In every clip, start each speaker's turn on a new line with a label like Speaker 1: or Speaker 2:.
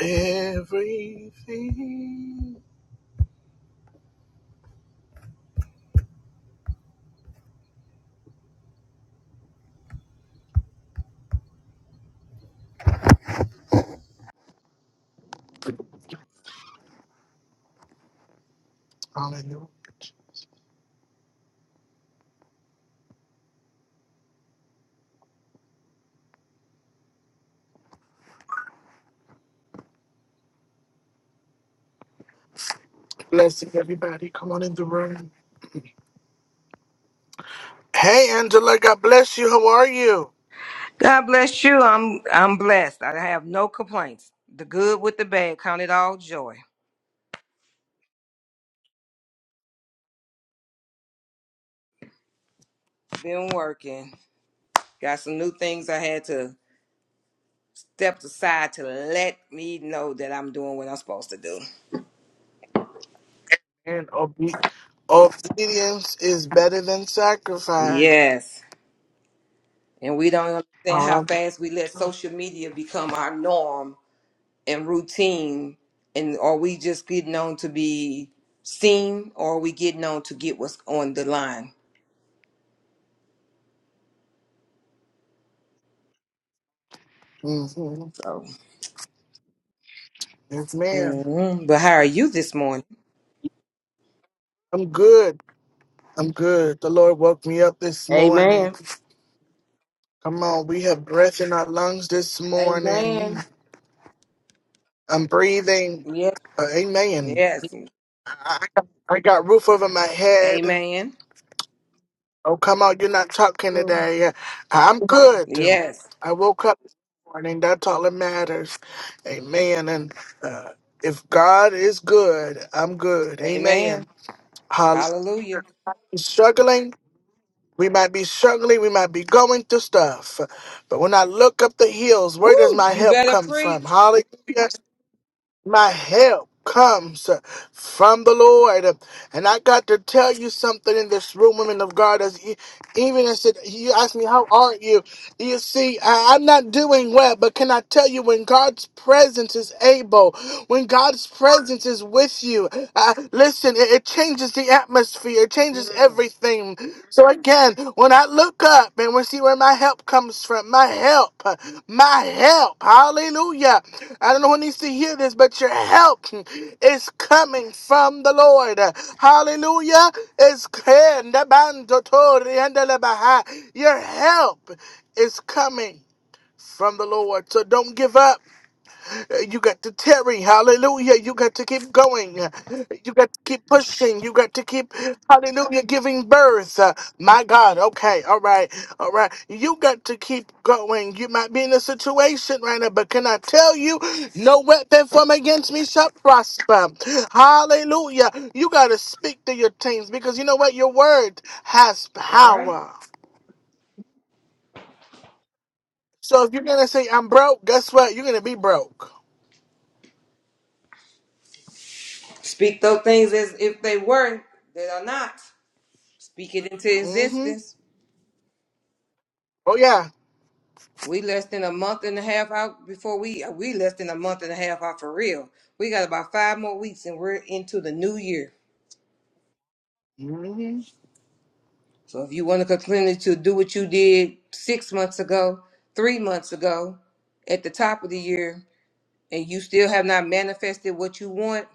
Speaker 1: Everything. Hallelujah. Blessing everybody. Come on in the room. Hey, Angela. God bless you. How are you?
Speaker 2: God bless you. I'm I'm blessed. I have no complaints. The good with the bad, count it all joy. Been working. Got some new things I had to step aside to let me know that I'm doing what I'm supposed to do.
Speaker 1: And obe- Obedience is better than sacrifice.
Speaker 2: Yes. And we don't understand how
Speaker 1: um,
Speaker 2: fast we let social media become our norm and routine. And are we just getting on to be seen or are we getting on to get what's on the line?
Speaker 1: hmm
Speaker 2: So,
Speaker 1: Yes, ma'am.
Speaker 2: mhm. but how are you this morning?
Speaker 1: I'm good. I'm good. The Lord woke me up this morning.
Speaker 2: Amen.
Speaker 1: Come on, we have breath in our lungs this morning.
Speaker 2: Amen.
Speaker 1: I'm breathing.
Speaker 2: Yes.
Speaker 1: Uh, amen.
Speaker 2: Yes.
Speaker 1: I, I got roof over my head.
Speaker 2: Amen.
Speaker 1: Oh, come on, you're not talking
Speaker 2: Mm.
Speaker 1: today. Yeah. I'm good.
Speaker 2: Yes.
Speaker 1: I woke up this morning. That's all that matters. Amen. And uh, if God is good, I'm good.
Speaker 2: Amen.
Speaker 1: Amen. Hall-
Speaker 2: Hallelujah.
Speaker 1: Struggling, we might be struggling, we might be going through stuff. But when I look up the hills, where does
Speaker 2: Woo!
Speaker 1: my
Speaker 2: You
Speaker 1: help
Speaker 2: better
Speaker 1: come from?
Speaker 2: preach.
Speaker 1: Hallelujah. My help comes from the Lord. And I got to tell you something in this room, women of God. As e- even as it, you ask me, how are you? You see, I, I'm not doing well, but can I tell you when God's presence is able, when God's presence is with you, uh, listen, it, it changes the atmosphere, it changes
Speaker 2: Mm.
Speaker 1: everything. So again, when I look up and we see where my help comes from, my help, my help, hallelujah. I don't know who needs to hear this, but your help is coming from the Lord. Hallelujah. It's your help is coming from the Lord. So don't give up. You got to tarry, hallelujah. You got to keep going. You got to keep pushing. You got to keep, hallelujah, giving birth. Uh, My God, okay, all right, all right. You got to keep going. You might be in a situation right now, but can I tell you, no weapon formed against me shall prosper. Hallelujah. You got to speak to your teams because you know what? Your word has
Speaker 2: All right.
Speaker 1: power. So if you're going to say, I'm broke, guess what? You're going to be broke.
Speaker 2: Speak those things as if they were that are not. Speak it into
Speaker 1: Mm hmm.
Speaker 2: existence.
Speaker 1: Oh, yeah.
Speaker 2: We less than a month and a half out before we we less than a month and a half out for real. We got about five more weeks and we're into the new year.
Speaker 1: Mm-hmm.
Speaker 2: So if you want to continue to do what you did six months ago, three months ago, at the top of the year, and you still have not manifested what you want,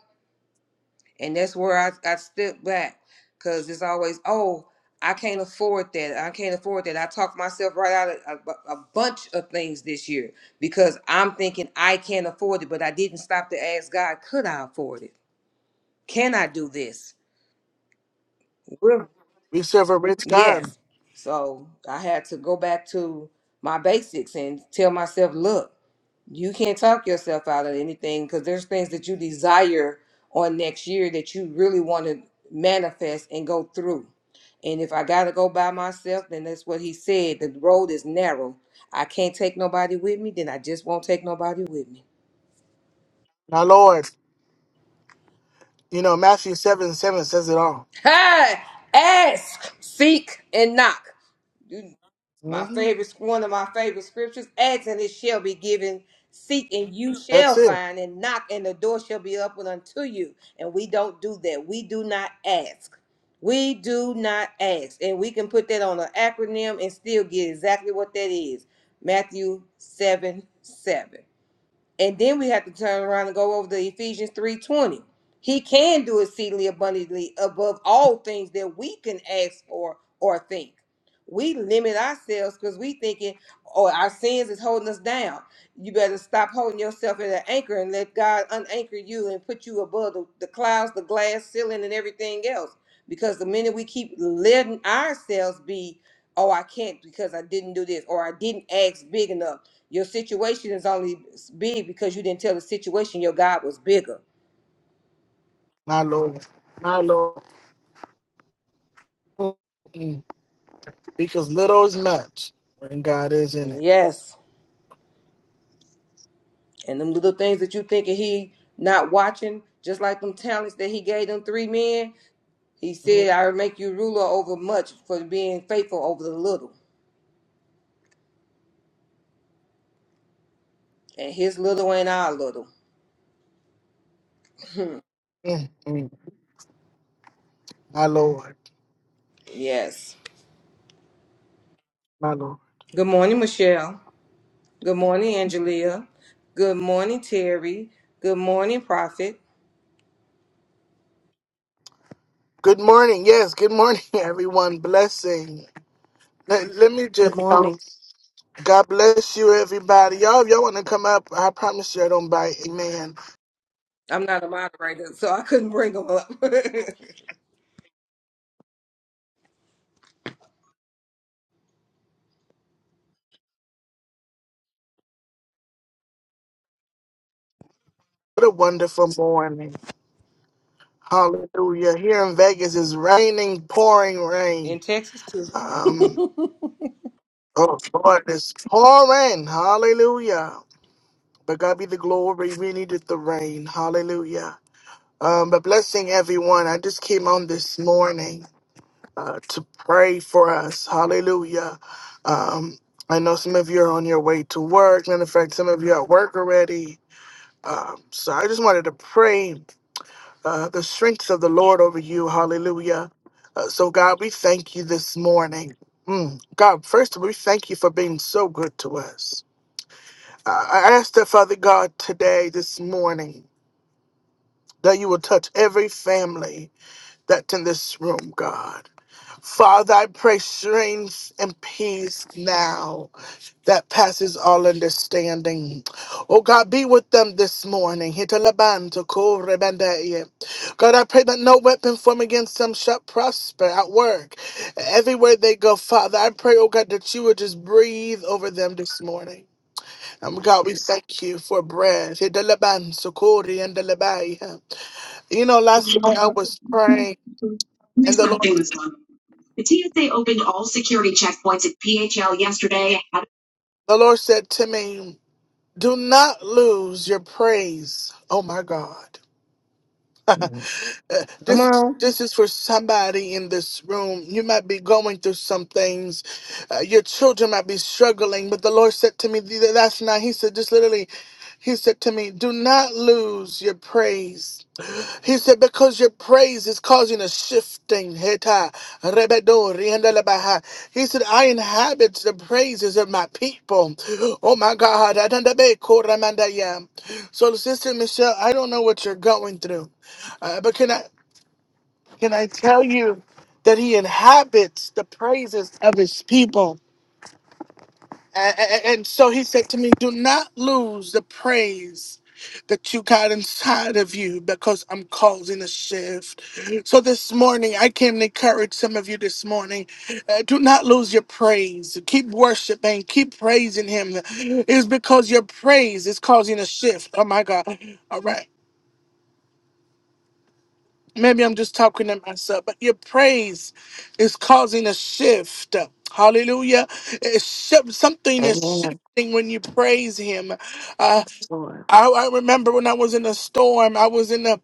Speaker 2: and that's where I, I step back because it's always, oh, I can't afford that. I can't afford that. I talked myself right out of a, bu- a bunch of things this year because I'm thinking I can't afford it, but I didn't stop to ask God, could I afford it? Can I do this?
Speaker 1: We serve a rich God,
Speaker 2: Yes. So I had to go back to my basics and tell myself, look, you can't talk yourself out of anything because there's things that you desire on next year that you really want to manifest and go through. And if I got to go by myself, then that's what he said. The road is narrow. I can't take nobody with me, then I just won't take nobody with me.
Speaker 1: my Lord. You know, Matthew 7 7 says it all.
Speaker 2: Hey, ask, seek, and knock. my
Speaker 1: hmm
Speaker 2: favorite one of my favorite scriptures ask and it shall be given seek and you
Speaker 1: That's
Speaker 2: shall
Speaker 1: it,
Speaker 2: find and knock and the door shall be opened unto you and we don't do that we do not ask we do not ask and we can put that on an acronym and still get exactly what that is matthew 7 7 and then we have to turn around and go over to Ephesians 3:20. He can do exceedingly abundantly above all things that we can ask for or think. We limit ourselves because we thinking, oh, our sins is holding us down. You better stop holding yourself at an anchor and let God unanchor you and put you above the, the clouds, the glass ceiling, and everything else. Because the minute we keep letting ourselves be, oh, I can't because I didn't do this, or I didn't ask big enough your situation is only big because you didn't tell the situation your God was bigger.
Speaker 1: my Lord. My Lord. Mm-mm. Because little is much when God is in it.
Speaker 2: Yes. And them little things that you thinking he not watching, just like them talents that he gave them three men, he
Speaker 1: Mm-mm.
Speaker 2: said, I will make you ruler over much for being faithful over the little. And his little ain't our little.
Speaker 1: My Lord.
Speaker 2: Yes.
Speaker 1: My Lord.
Speaker 2: Good morning, Michelle. Good morning, Angelia. Good morning, Terry. Good morning, Prophet.
Speaker 1: Good morning. Yes, good morning, everyone. Blessing. Let, let me
Speaker 3: Good
Speaker 1: just,
Speaker 3: morning.
Speaker 1: God bless you, everybody. Y'all, if y'all want to come up, I promise you I don't bite. Amen.
Speaker 2: I'm not a moderator, so I couldn't bring them up.
Speaker 1: What a wonderful morning. Hallelujah. Here in Vegas is raining, pouring rain.
Speaker 2: In Texas, too.
Speaker 1: Um, oh Lord, it's pouring. Hallelujah. But God be the glory. We needed the rain. Hallelujah. Um, but blessing everyone. I just came on this morning uh, to pray for us. Hallelujah. Um, I know some of you are on your way to work. Matter of fact, some of you are at work already. Um, so I just wanted to pray uh, the strength of the Lord over you. Hallelujah. Uh, so, God, we thank you this morning. Mm. God, first of all, we thank you for being so good to us. I I ask that, Father God, today, this morning, that you will touch every family that's in this room, God. Father, I pray strength and peace now that passes all understanding. Oh God, be with them this morning. Hitalabanto korebandeye. God, I pray that no weapon formed against them shall prosper at work. Everywhere they go, Father, I pray, oh God, that you would just breathe over them this morning. And
Speaker 4: Yes,
Speaker 1: God, we thank you for bread. Hitalabanso koreandalabaye. You know, last night I was praying and
Speaker 5: Next,
Speaker 1: the
Speaker 5: my
Speaker 1: Lord
Speaker 5: famous one. The TSA opened all security checkpoints at PHL yesterday.
Speaker 1: the Lord said to me, Do not lose your praise. Oh my God. Uh,
Speaker 2: Come
Speaker 1: this
Speaker 2: on.
Speaker 1: this is for somebody in this room. You might be going through some things. Uh, your children might be struggling, but the Lord said to me th- last night. He said, just literally, He said to me, "Do not lose your praise." He said, because your praise is causing a shifting. Heta, rebedo, riendelebaha. He said, I inhabit the praises of my people. Oh my God. adandabe, koramandaya. So, Sister Michelle, I don't know what you're going through. uh, but can I? Can I tell you that he inhabits the praises of his people? A- a- a- And so he said to me, Do not lose the praise that you got inside of you because I'm causing a shift. So this morning, I can encourage some of you this morning. uh, do not lose your praise. Keep worshiping, keep praising him. It's because your praise is causing a shift. Oh my God. All right. maybe I'm just talking to myself, but your praise is causing a shift. Hallelujah. It's shi- something is
Speaker 3: Amen.
Speaker 1: shifting when you praise him. Uh,
Speaker 3: Yes, Lord.
Speaker 1: I, I remember when I was in a storm, I was in the,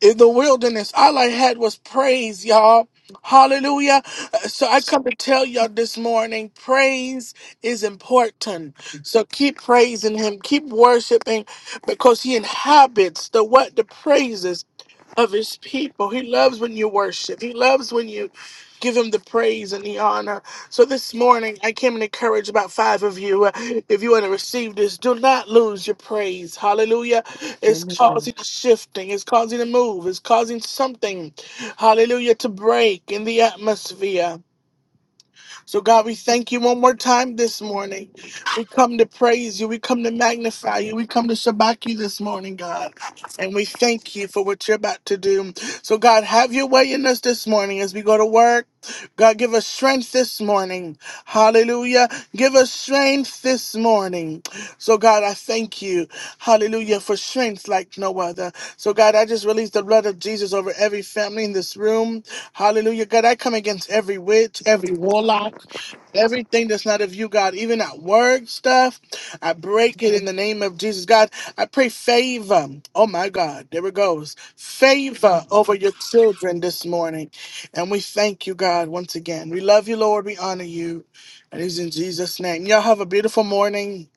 Speaker 1: in the wilderness. All I had was praise, y'all. Hallelujah. Uh, So I come to tell y'all this morning, praise is important. So keep praising him, keep worshiping because he inhabits the what? The praises of his people. He loves when you worship. He loves when you give him the praise and the honor. So this morning, I came and encourage about five of you. Uh, If you want to receive this, do not lose your praise. Hallelujah. It's
Speaker 3: Amen.
Speaker 1: causing a shifting. It's causing a move. It's causing something, hallelujah, to break in the atmosphere. So, God, we thank you one more time this morning. We come to praise you. We come to magnify you. We come to shabak you this morning, God. And we thank you for what you're about to do. So, God, have your way in us this morning as we go to work. God, give us strength this morning. Hallelujah. Give us strength this morning. So, God, I thank you. Hallelujah. For strength like no other. So, God, I just release the blood of Jesus over every family in this room. Hallelujah, God. I come against every witch, every warlock, everything that's not of you, God, even that word stuff. I break it in the name of Jesus, God. I pray favor. Oh, my God. There it goes. Favor over your children this morning. And we thank you, God, once again. We love you, Lord. We honor you. And it's in Jesus' name. Y'all have a beautiful morning.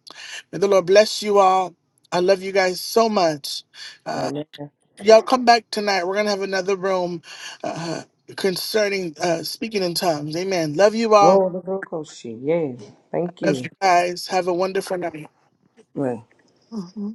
Speaker 1: May the Lord bless you all. I love you guys so much. Uh,
Speaker 2: Amen.
Speaker 1: y'all come back tonight. We're gonna have another room uh, concerning uh, speaking in tongues. Amen. Love you all.
Speaker 2: Oh, the Lord, She. Yeah. Thank
Speaker 1: Love you
Speaker 2: you.
Speaker 1: guys. Have a wonderful night.
Speaker 2: Well,
Speaker 3: Mhm.